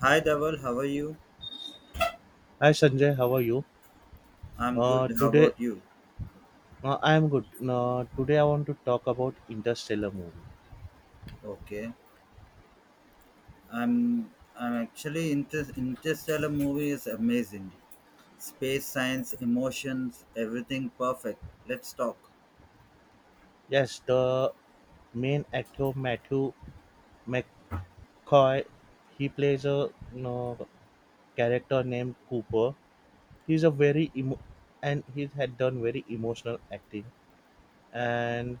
Hi Dhaval, how are you? Hi Sanjay, how are you? I'm good. How Today about you? I am good. Today I want to talk about Interstellar movie. Okay. I'm actually inter Interstellar movie is amazing. Space science, emotions, everything perfect. Let's talk. Yes, the main actor Matthew McCoy, he plays a uh, character named Cooper. He's a very emo- he had done very emotional acting. And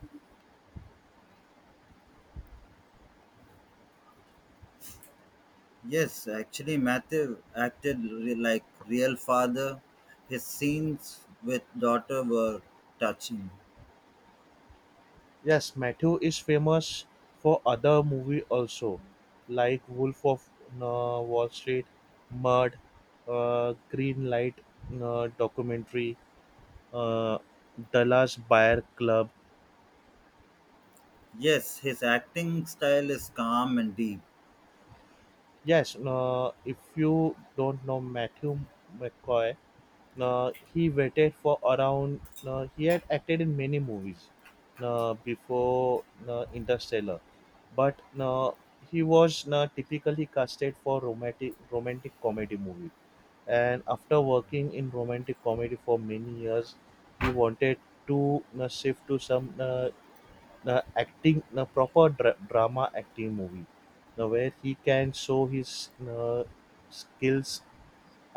Yes, actually Matthew acted like real father. His scenes with daughter were touching. yes, Matthew is famous for other movie also, like Wolf of Wall Street, Mud, Green Light documentary, uh, Dallas Buyer Club. Yes, his acting style is calm and deep. Yes, if you don't know Matthew McCoy, he waited for around. He had acted in many movies before Interstellar, but he was typically casted for romantic comedy movie. And after working Okay. in romantic comedy for many years, he wanted to shift to some the acting the proper drama acting movie the where he can show his uh, skills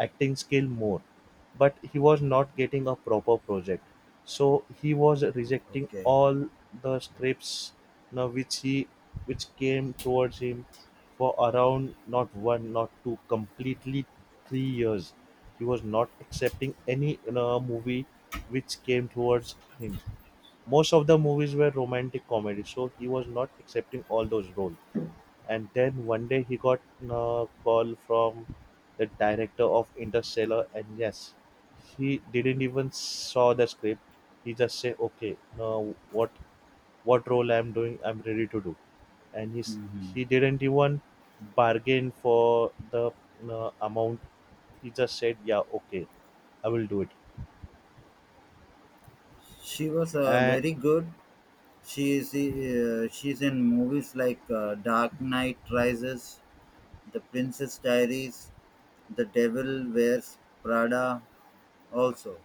acting skill more, but he was not getting a proper project, so he was rejecting Okay. all the scripts. Now which he Which came towards him for around, not one, not two, completely 3 years, he was not accepting any movie which came towards him. Most of the movies were romantic comedy, so he was not accepting all those roles. And then one day he got a call from the director of Interstellar, and yes, he didn't even saw the script. He just say, "Okay, now what role I'm doing, I'm ready to do." And Mm-hmm. he didn't even bargain for the amount. He just said, "Yeah, okay, I will do it." She was And very good. She's in movies like Dark Knight Rises, The Princess Diaries, The Devil Wears Prada. Also,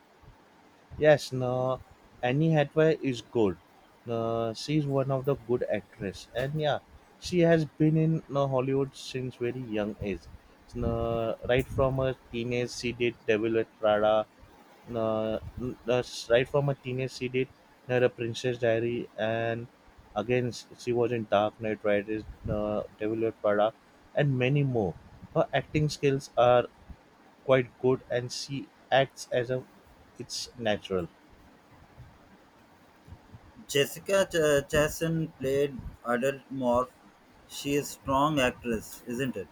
Yes, no, Annie Hathaway is good. No, She's one of the good actress, and yeah, she has been in no, Hollywood since very young age. No, Right from her teenage, she did Devil with Prada. No, n- no, Right from her teenage, she did no, The Princess Diary, and she was in Dark Knight Rises, no, Devil with Prada, and many more. Her acting skills are quite good, and she acts as a it's natural. Chastain played adult morph. She is strong actress, isn't it?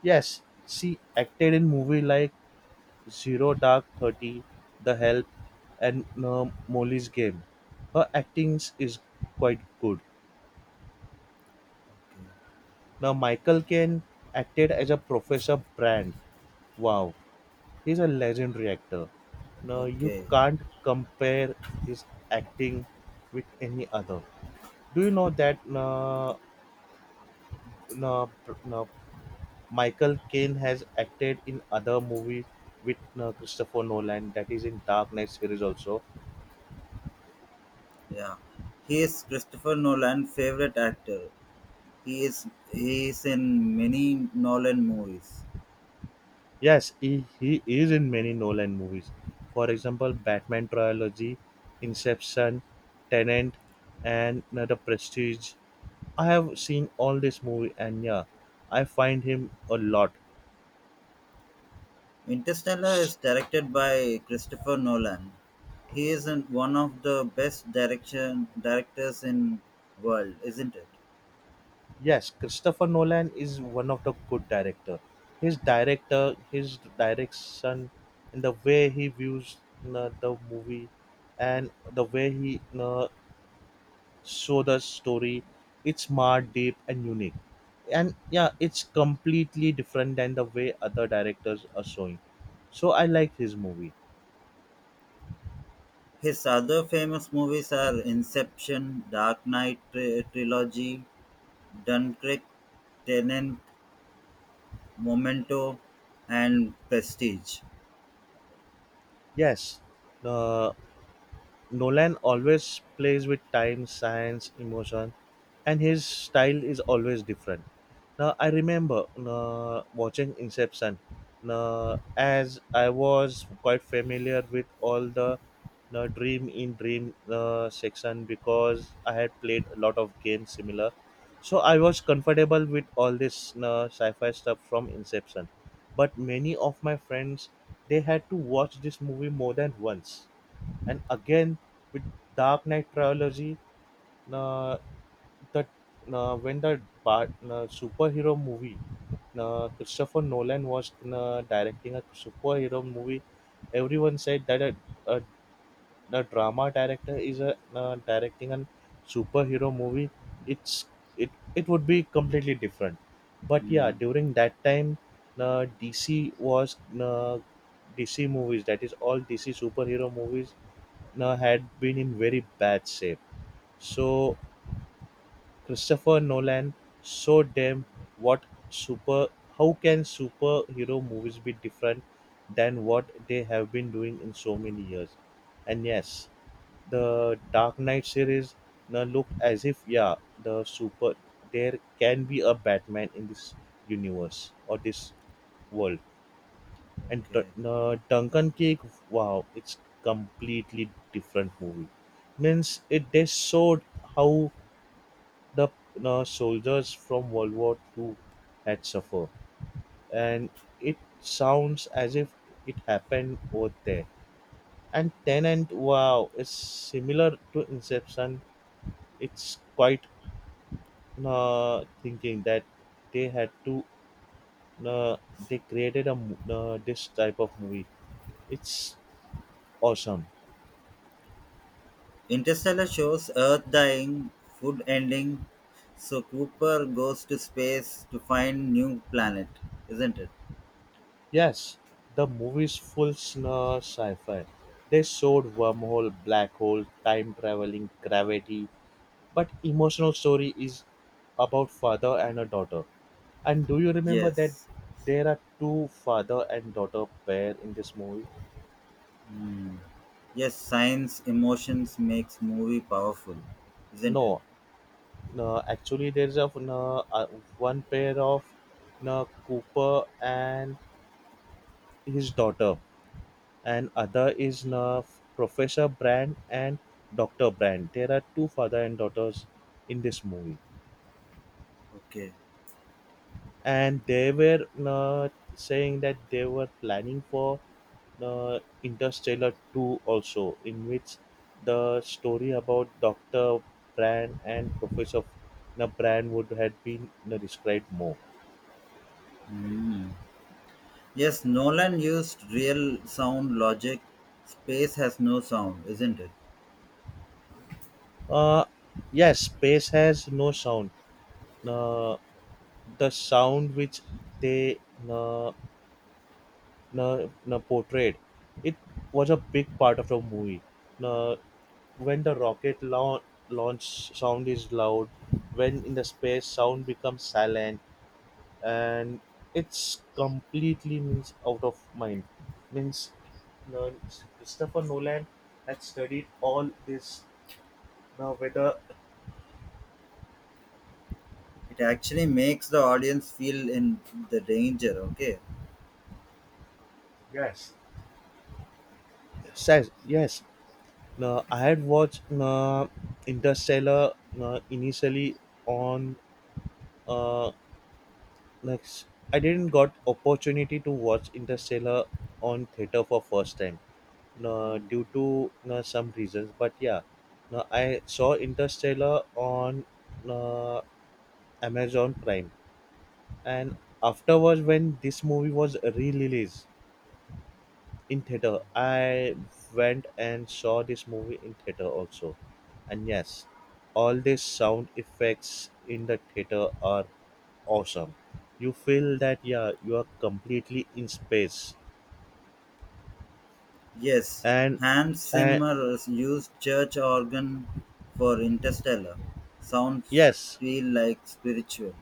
Yes, she acted in movies like Zero Dark Thirty, The Help, and Molly's Game. Her acting is quite good. Okay. Now Michael Caine acted as a Professor Brand. Wow, he's a legendary actor. Now you Okay. can't compare his acting with any other. Do you know that uh, uh, Michael Caine has acted in other movies with Christopher Nolan, that is in Dark Knight series also. Yeah. He is Christopher Nolan' favorite actor. He is he is in many Nolan movies. Yes, he is in many Nolan movies. For example, Batman trilogy, Inception, Tenant, and The Prestige. I have seen all this movie, and yeah, I find him a lot. Interstellar is directed by Christopher Nolan. He is one of the best direction directors in world, isn't it? Yes, Christopher Nolan is one of the good director. His direction, and the way he views the movie, and the way he show the story, it's smart, deep, and unique. And yeah, it's completely different than the way other directors are showing. So I like his movie. His other famous movies are Inception, trilogy, Dunkirk, Tenet, Memento, and Prestige. Yes, uh, Nolan always plays with time, science, emotion, and his style is always different. Now I remember watching Inception. Now, as I was quite familiar with all the Dream in Dream section, because I had played a lot of games similar, so I was comfortable with all this sci-fi stuff from Inception. But many of my friends, they had to watch this movie more than once. And again, with Dark Knight trilogy, uh, the when the superhero movie, Christopher Nolan was directing a superhero movie, everyone said that a, a drama director is a directing a superhero movie. It's it would be completely different. But yeah, Hmm. during that time, uh, DC was uh, DC movies, that is, all DC superhero movies had been in very bad shape. So Christopher Nolan showed them what super how can superhero movies be different than what they have been doing in so many years. And yes, the Dark Knight series now looked as if, yeah, there can be a Batman in this universe or this world. And Okay. Duncan Cake, wow, it's completely different movie. Means it just showed how the soldiers from World War II had suffered, and it sounds as if it happened over there. And Tenant, wow, is similar to Inception. It's quite thinking that they had to uh, they created this type of movie. It's awesome. Interstellar shows Earth dying, food ending, so Cooper goes to space to find new planet, isn't it? Yes, the movies full Fulsner sci-fi. They showed wormhole, black hole, time traveling, gravity, but emotional story is about father and a daughter. And do you remember that Yes. there are two father and daughter pair in this movie? Mm. Yes, science emotions makes movie powerful, isn't it? No, no, actually there is a no, one pair of no, Cooper and his daughter, and other is Professor Brand and Doctor Brand. There are two father and daughters in this movie, Okay. and they were saying that they were planning for Interstellar Two also, in which the story about Doctor Brand and Professor Brand would have been described more. Yes, Nolan used real sound logic. Space has no sound, isn't it? Uh, yes, space has no sound. Uh, the sound which they uh, na, na portrayed, it was a big part of the movie. Na, when the rocket launch sound is loud. When in the space sound becomes silent, and it's completely means out of mind. Means, na, Christopher Nolan had studied all this. Now whether It actually makes the audience feel in the danger, okay? yes says yes. Now I had watched Interstellar initially on uh, Next, I didn't got opportunity to watch Interstellar on theater for first time, no, due to no, some reasons. But yeah, no, I saw Interstellar on no, Amazon Prime, and afterwards when this movie was re-released in theater, I went and saw this movie in theater also, and yes, all these sound effects in the theater are awesome. You feel that, yeah, you are completely in space. Yes, And Hans and Zimmer has used church organ for Interstellar. Sounds yes, feel like spiritual.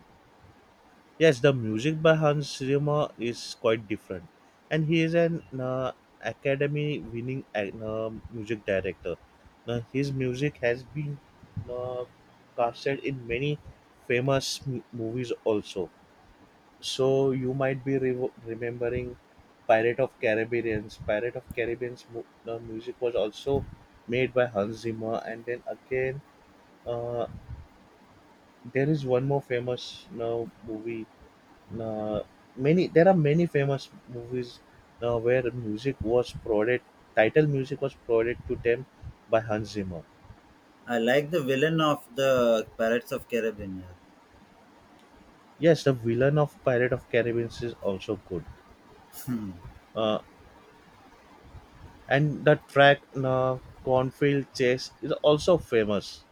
yes, the music by Hans Zimmer is quite different. And he is an Academy winning music director. Now, his music has been uh, casted in many famous movies also. So you might be remembering Pirate of Caribbean's. The music was also made by Hans Zimmer. And then again, uh, there is one more famous movie. Uh, many There are many famous movies where music was provided. Title music was provided to them by Hans Zimmer. I like the villain of the Pirates of Caribbean. Yes, Yes, the villain of Pirate of Caribbean is also good, uh, and the track "Cornfield Chase" is also famous.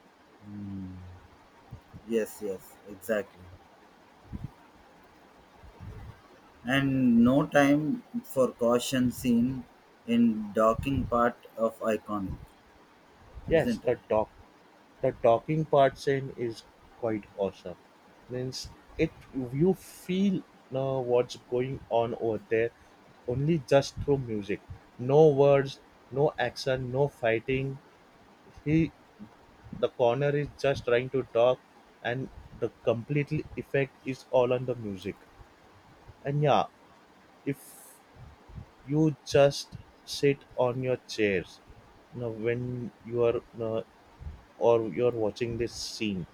yes, yes, exactly. And no time for caution seen in docking part of iconic, Yes, isn't it? the dock the docking part scene is quite awesome. Means, it you feel what's going on over there only just through music. No words, no action, no fighting. He The corner is just trying to dock, and the completely effect is all on the music. And yeah, if you just sit on your chairs, you know, when you are or you're watching this scene.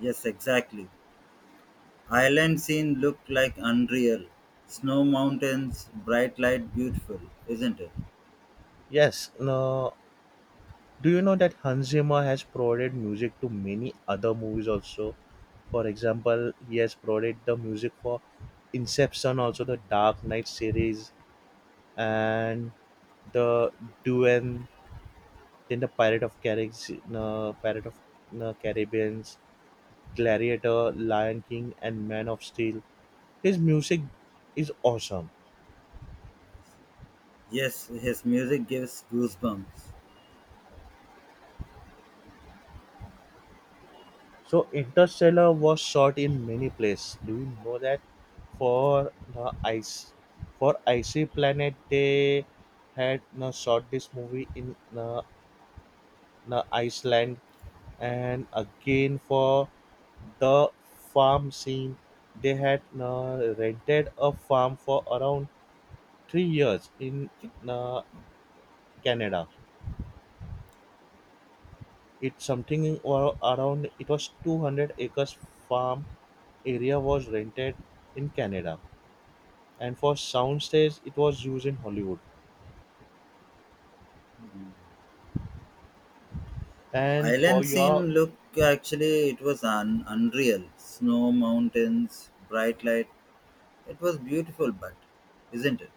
Yes, exactly. Island scene looked like unreal. Snow mountains, bright light, beautiful, isn't it? Yes. No, do you know that Hans Zimmer has provided music to many other movies also? For example, he has provided the music for Inception, also the Dark Knight series, and the Dune, then the Pirate of Caribbean, uh, Pirate of uh, Caribbean's, Gladiator, Lion King, and Man of Steel. His music is awesome. Yes, his music gives goosebumps. So Interstellar was shot in many places. Do you know that for the ice for icy planet they had shot this movie in Iceland. And again, for the farm scene, they had rented a farm for around 3 years in uh, Canada. It's something or around, it was 200 acres farm area was rented in Canada, and for soundstage it was used in Hollywood. And for Island your scene look, actually it was unreal. Snow mountains, bright light. It was beautiful, but isn't it?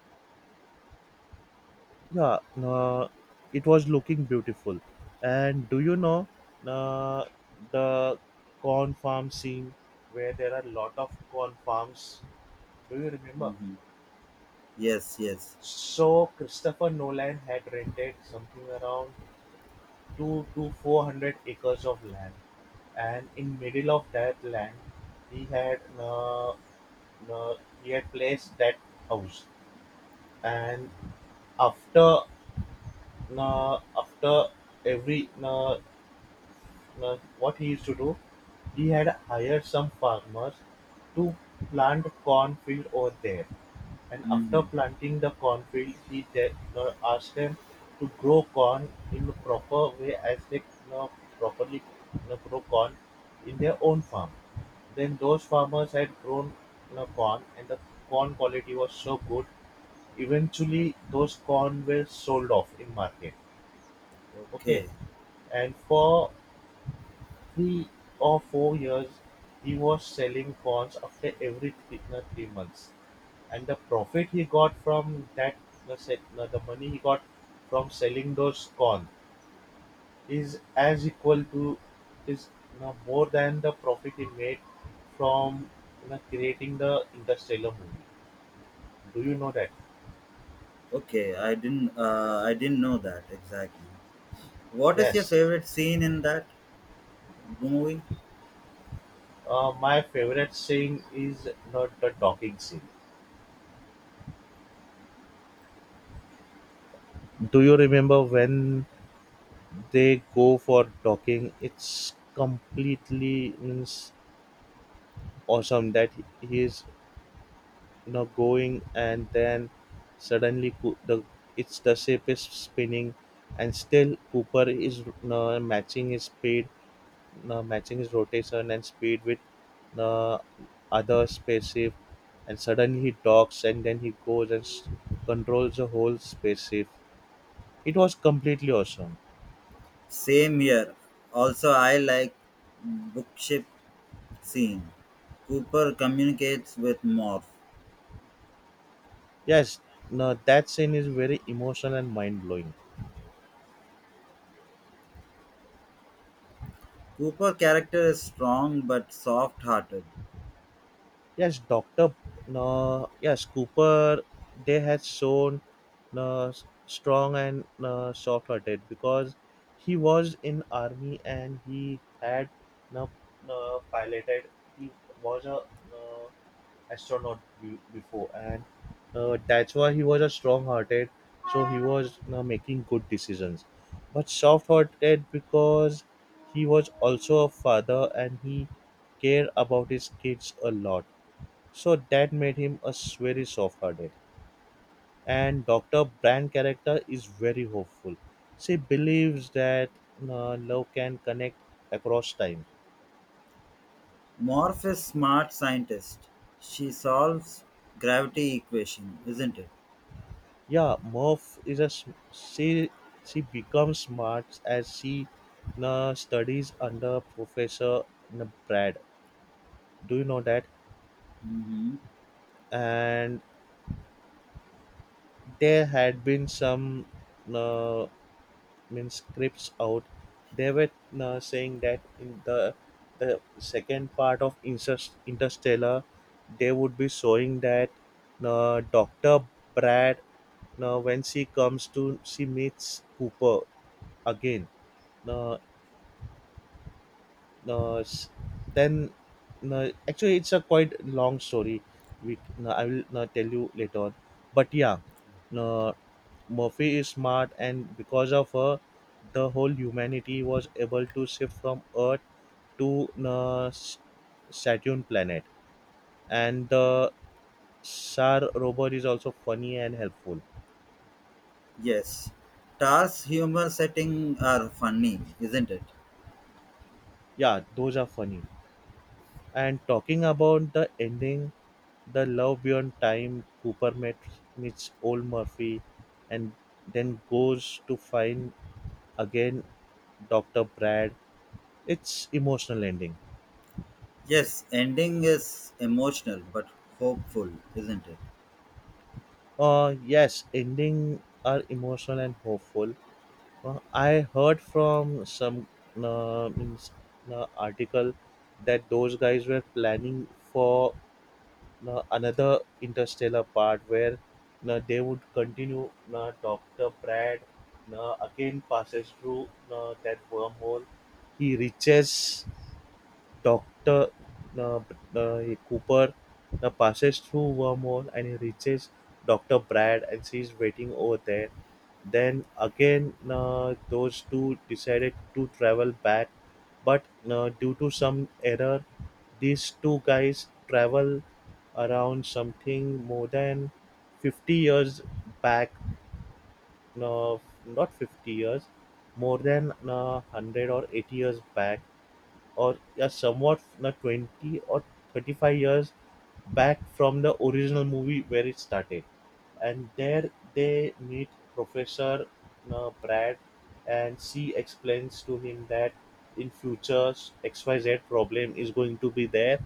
yeah, it was looking beautiful. And do you know uh, the corn farm scene where there are a lot of corn farms? Do you remember? Hmm. Yes, yes. So Christopher Nolan had rented something around two to four hundred acres of land, and in middle of that land, he had uh, uh, he had placed that house, and After after every what he used to do, he had hired some farmers to plant cornfield over there. And after Hmm. planting the cornfield, he then asked them to grow corn in the proper way as they uh, properly grow corn in their own farm. Then those farmers had grown, you know, corn, and the corn quality was so good. Eventually, those corn were sold off in market. Okay, Okay. and for 3 or 4 years, he was selling bonds after every 3 months, and the profit he got from that, the money he got from selling those corn is as equal to is more than the profit he made from creating the Interstellar movie. Do you know that? Okay, I didn't know that exactly. What is your Yes. favorite scene in that movie? My favorite scene is not the talking scene. Do you remember when they go for talking it's completely means awesome that he is going and then suddenly the ship is spinning, and still Cooper is matching his speed, matching his rotation and speed with, you know, other spaceship. And suddenly he docks and then he goes and controls the whole spaceship. It was completely awesome. Same here. Also, I like bookship scene. Cooper communicates with Morph. Yes, no, that scene is very emotional and mind blowing. Cooper character is strong but soft-hearted. Yes, Doctor, no, yes, Cooper, they had shown no strong and no soft hearted because he was in army and he had no, no piloted. He was a no, astronaut before, and that's why he was a strong-hearted. So he was making good decisions, but soft-hearted because he was also a father and he cared about his kids a lot. So that made him a very soft-hearted. And Doctor Brand character is very hopeful. She believes that love can connect across time. Morph is smart scientist. She solves gravity equation, isn't it? Yeah, Morph is a she. She becomes smart as she studies under Professor Brad. Do you know that? Hmm. And there had been some uh, mean scripts out. They were saying that in the second part of Interstellar, they would be showing that Doctor Brad. Now, when she comes to, she meets Cooper again. Now, s- then no, actually it's a quite long story, we no, I will no, tell you later on, but yeah, no, Murphy is smart, and because of her the whole humanity was able to shift from earth to no, Saturn planet. And the Sar robot is also funny and helpful. Yes. Tar's humor setting are funny, isn't it? Yeah, those are funny. And talking about the ending, The Love Beyond Time, Cooper meets old Murphy and then goes to find again Dr. Brad. It's emotional ending. Yes, ending is emotional but hopeful, isn't it? Yes, ending are emotional and hopeful. I heard from some means, article that those guys were planning for, now, another interstellar part where now they would continue. Now Dr. Brad now again passes through now that wormhole. He reaches Doctor, uh, uh, Cooper passes through wormhole and he reaches Doctor Brad, and she's waiting over there. Then again, those two decided to travel back, but due to some error, these two guys travel around something more than 50 years back. No, not 50 years, more than 100 or 80 years back, or yeah, somewhat not 20 or 35 years back from the original movie where it started. And there they meet Professor Brad, and she explains to him that in future XYZ problem is going to be there,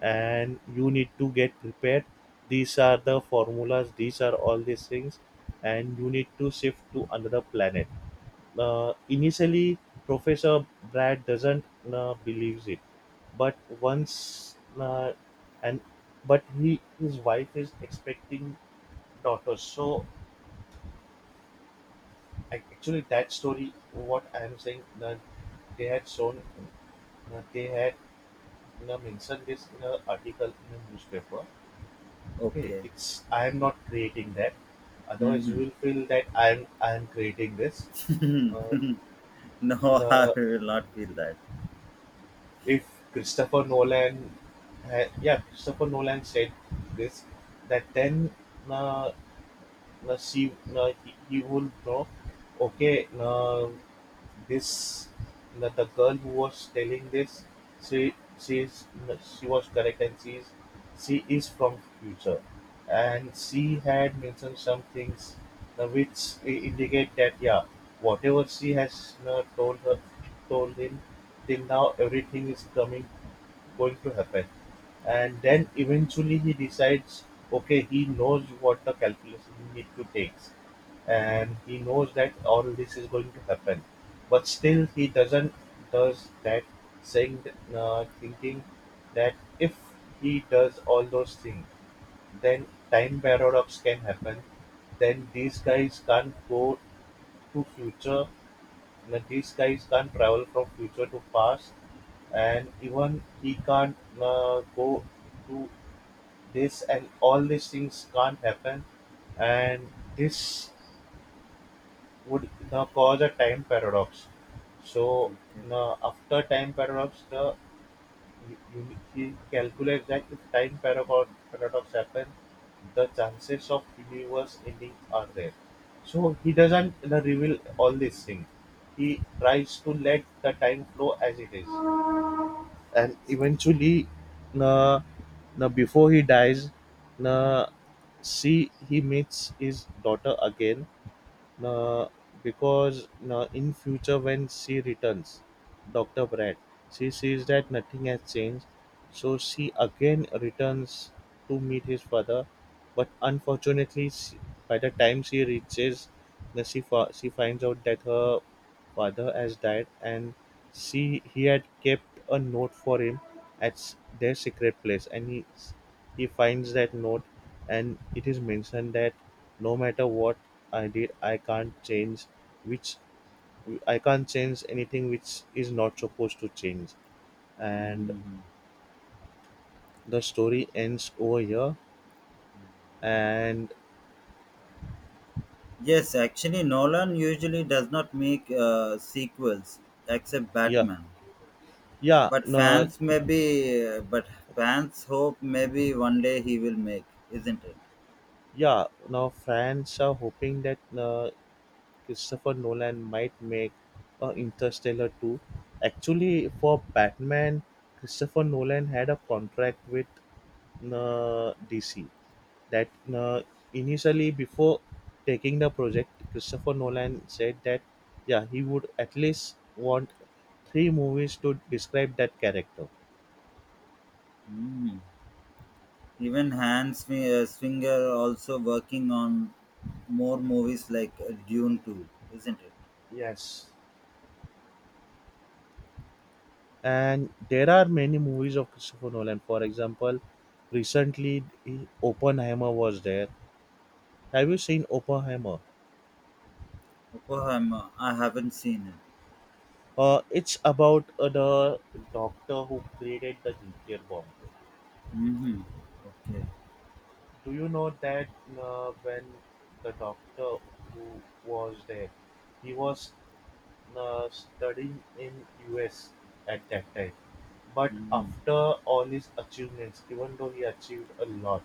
and you need to get prepared. These are the formulas, these are all these things, and you need to shift to another planet. Initially, Professor Brad doesn't believes it, but once and but he, his wife is expecting daughters. So I, actually, that story, what I am saying, they had shown, they had mentioned this in an article in a newspaper. Okay, Okay. it's I am not creating that. Otherwise, you Mm-hmm. will feel that I am creating this. Hmm. Uh, No, I uh, will not feel that. if Christopher Nolan, yeah, Christopher Nolan said this, that then, uh, now she now he would know, okay, now this, now the girl who was telling this, she she is na, she was correct, and she is from future, and she had mentioned some things, which indicate that yeah, whatever she has told him till now, everything is coming, going to happen. And then eventually he decides, okay, he knows what the calculation he need to take, and he knows that all this is going to happen, but still he doesn't does that, saying thinking that if he does all those things, then time paradox can happen, then these guys can't go to future, like these guys can't travel from future to past, and even he can't go to this, and all these things can't happen, and this would cause a time paradox. So Okay. After time paradox, the you, you, he calculates that if time paradox happen, the chances of universe ending are there. So he doesn't reveal all these things. He tries to let the time flow as it is, and eventually, uh, now before he dies, now see he meets his daughter again, now, because now in future when she returns, Dr. Brad, she sees that nothing has changed, so she again returns to meet his father. But unfortunately, she, by the time she reaches, she, she finds out that her father has died, and she he had kept a note for him at their secret place, and he finds that note, and it is mentioned that no matter what I did, I can't change, which, I can't change anything which is not supposed to change. And Hmm. the story ends over here. And Yes, actually, Nolan usually does not make sequels except yeah, Batman. yeah, But no. fans maybe, uh, but fans hope maybe one day he will make, isn't it? Yeah, now fans are hoping that Christopher Nolan might make Interstellar 2. Actually, for Batman, Christopher Nolan had a contract with DC that uh, initially, before taking the project, Christopher Nolan said that yeah, he would at least want 3 movies to describe that character. Mm. Even Swinger also working on more movies like Dune 2, isn't it? Yes. And there are many movies of Christopher Nolan. For example, recently eh, Oppenheimer was there. Have you seen Oppenheimer? Oh, I haven't seen it. It's about the doctor who created the nuclear bomb. Mm-hmm. Okay. Do you know that when the doctor who was there, he was studying in US at that time. But Mm-hmm. after all his achievements, even though he achieved a lot,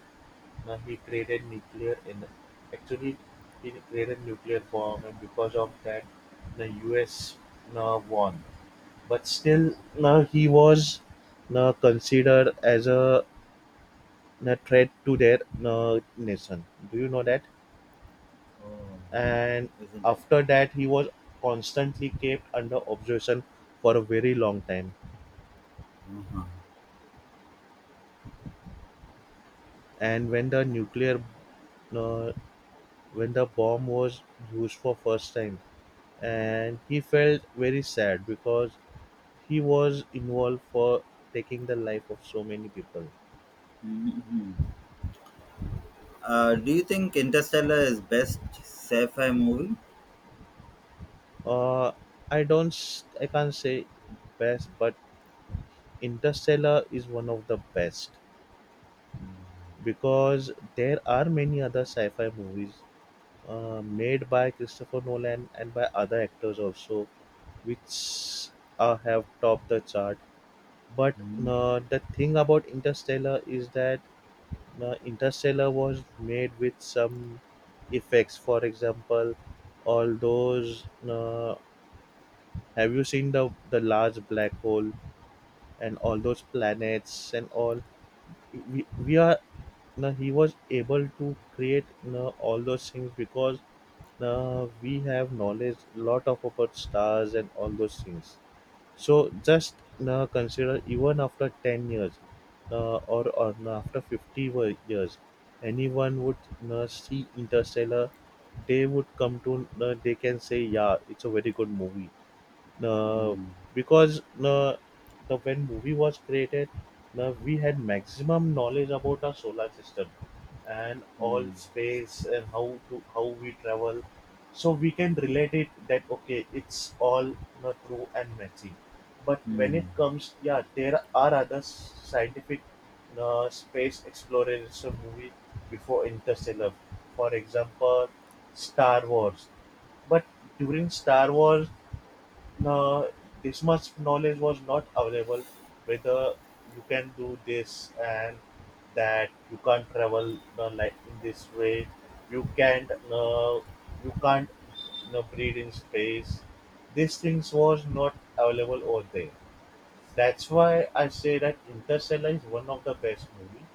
now he created nuclear in, actually, he created nuclear bomb, and because of that the US now won. But still now he was now considered as a threat to their nation. Do you know that? Oh, And isn't it? after that he was constantly kept under observation for a very long time. Uh-huh. And when the nuclear uh, when the bomb was used for first time, and he felt very sad because he was involved for taking the life of so many people. Mm-hmm. Do you think Interstellar is best sci-fi movie? uh, I don't I can't say best, but Interstellar is one of the best, because there are many other sci-fi movies made by Christopher Nolan and by other actors also, which have topped the chart. But the thing about Interstellar is that Interstellar was made with some effects. For example, all those have you seen the large black hole and all those planets and all? We are now. He was able to create now all those things because now we have knowledge lot of about stars and all those things. So just consider, even after 10 years or now after 50 years, anyone would see interstellar, they would come to they can say yeah, it's a very good movie. uh, Mm-hmm. because the when movie was created, we had maximum knowledge about our solar system and all Mm-hmm. space and how to how we travel. So we can relate it that okay, it's all not true and messy. But when it comes, yeah, there are other scientific space exploration movie before interstellar, for example, Star Wars. But during Star Wars, no, this much knowledge was not available whether you can do this and that, you can't travel like in this way, you can't uh, you can't breathe in space. These things was not available over there. That's why I say that Interstellar is one of the best movie.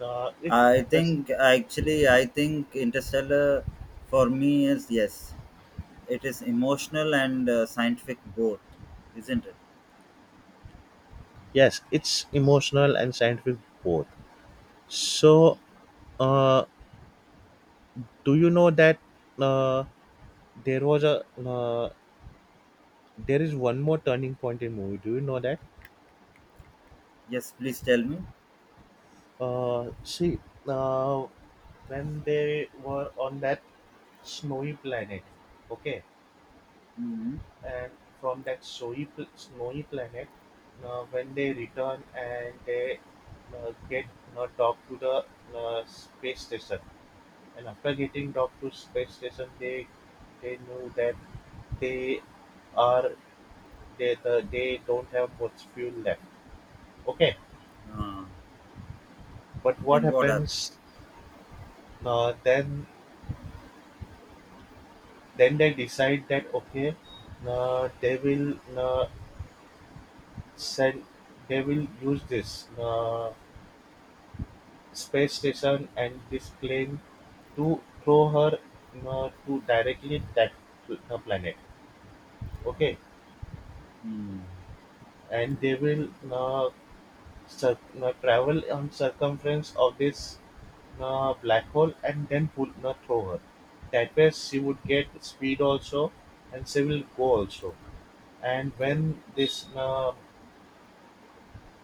If that's I think Interstellar for me is yes. It is emotional and scientific both, isn't it? Yes, it's emotional and scientific both. So uh, do you know that uh, there was a there is one more turning point in movie. Do you know that? Yes, please tell me. See, uh, when they were on that snowy planet, okay, Mm-hmm. and from that snowy planet, when they return and they get docked to the space station, and after getting docked to space station, they knew that they are they the, they don't have much fuel left. Okay, Uh, but what then what happened? happens then? Then they decide that okay, uh, they will uh, send, they will use this space station and this plane to throw her to directly that planet. Okay, Mm. and they will travel on circumference of this black hole and then pull throw her. That way she would get speed also, and she will go also. And Okay. when this uh,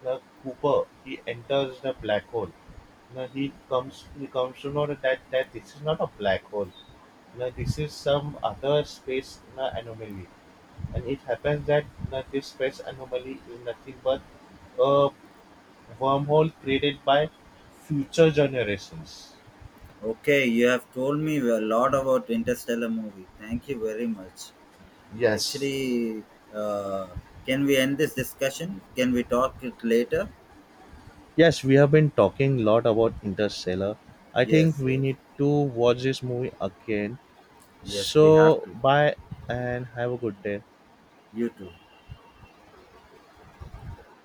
uh, Cooper he enters the black hole, now he comes to know that this is not a black hole. Now this is some other space na anomaly, and it happens that na this space anomaly is nothing but a wormhole created by future generations. Okay, you have told me a lot about Interstellar movie. Thank you very much. Yes. Actually, uh, can we end this discussion? Can we talk it later? Yes, we have been talking a lot about Interstellar. I think Yes, we yes, need to watch this movie again. yes. We have So, to. bye and have a good day. You too.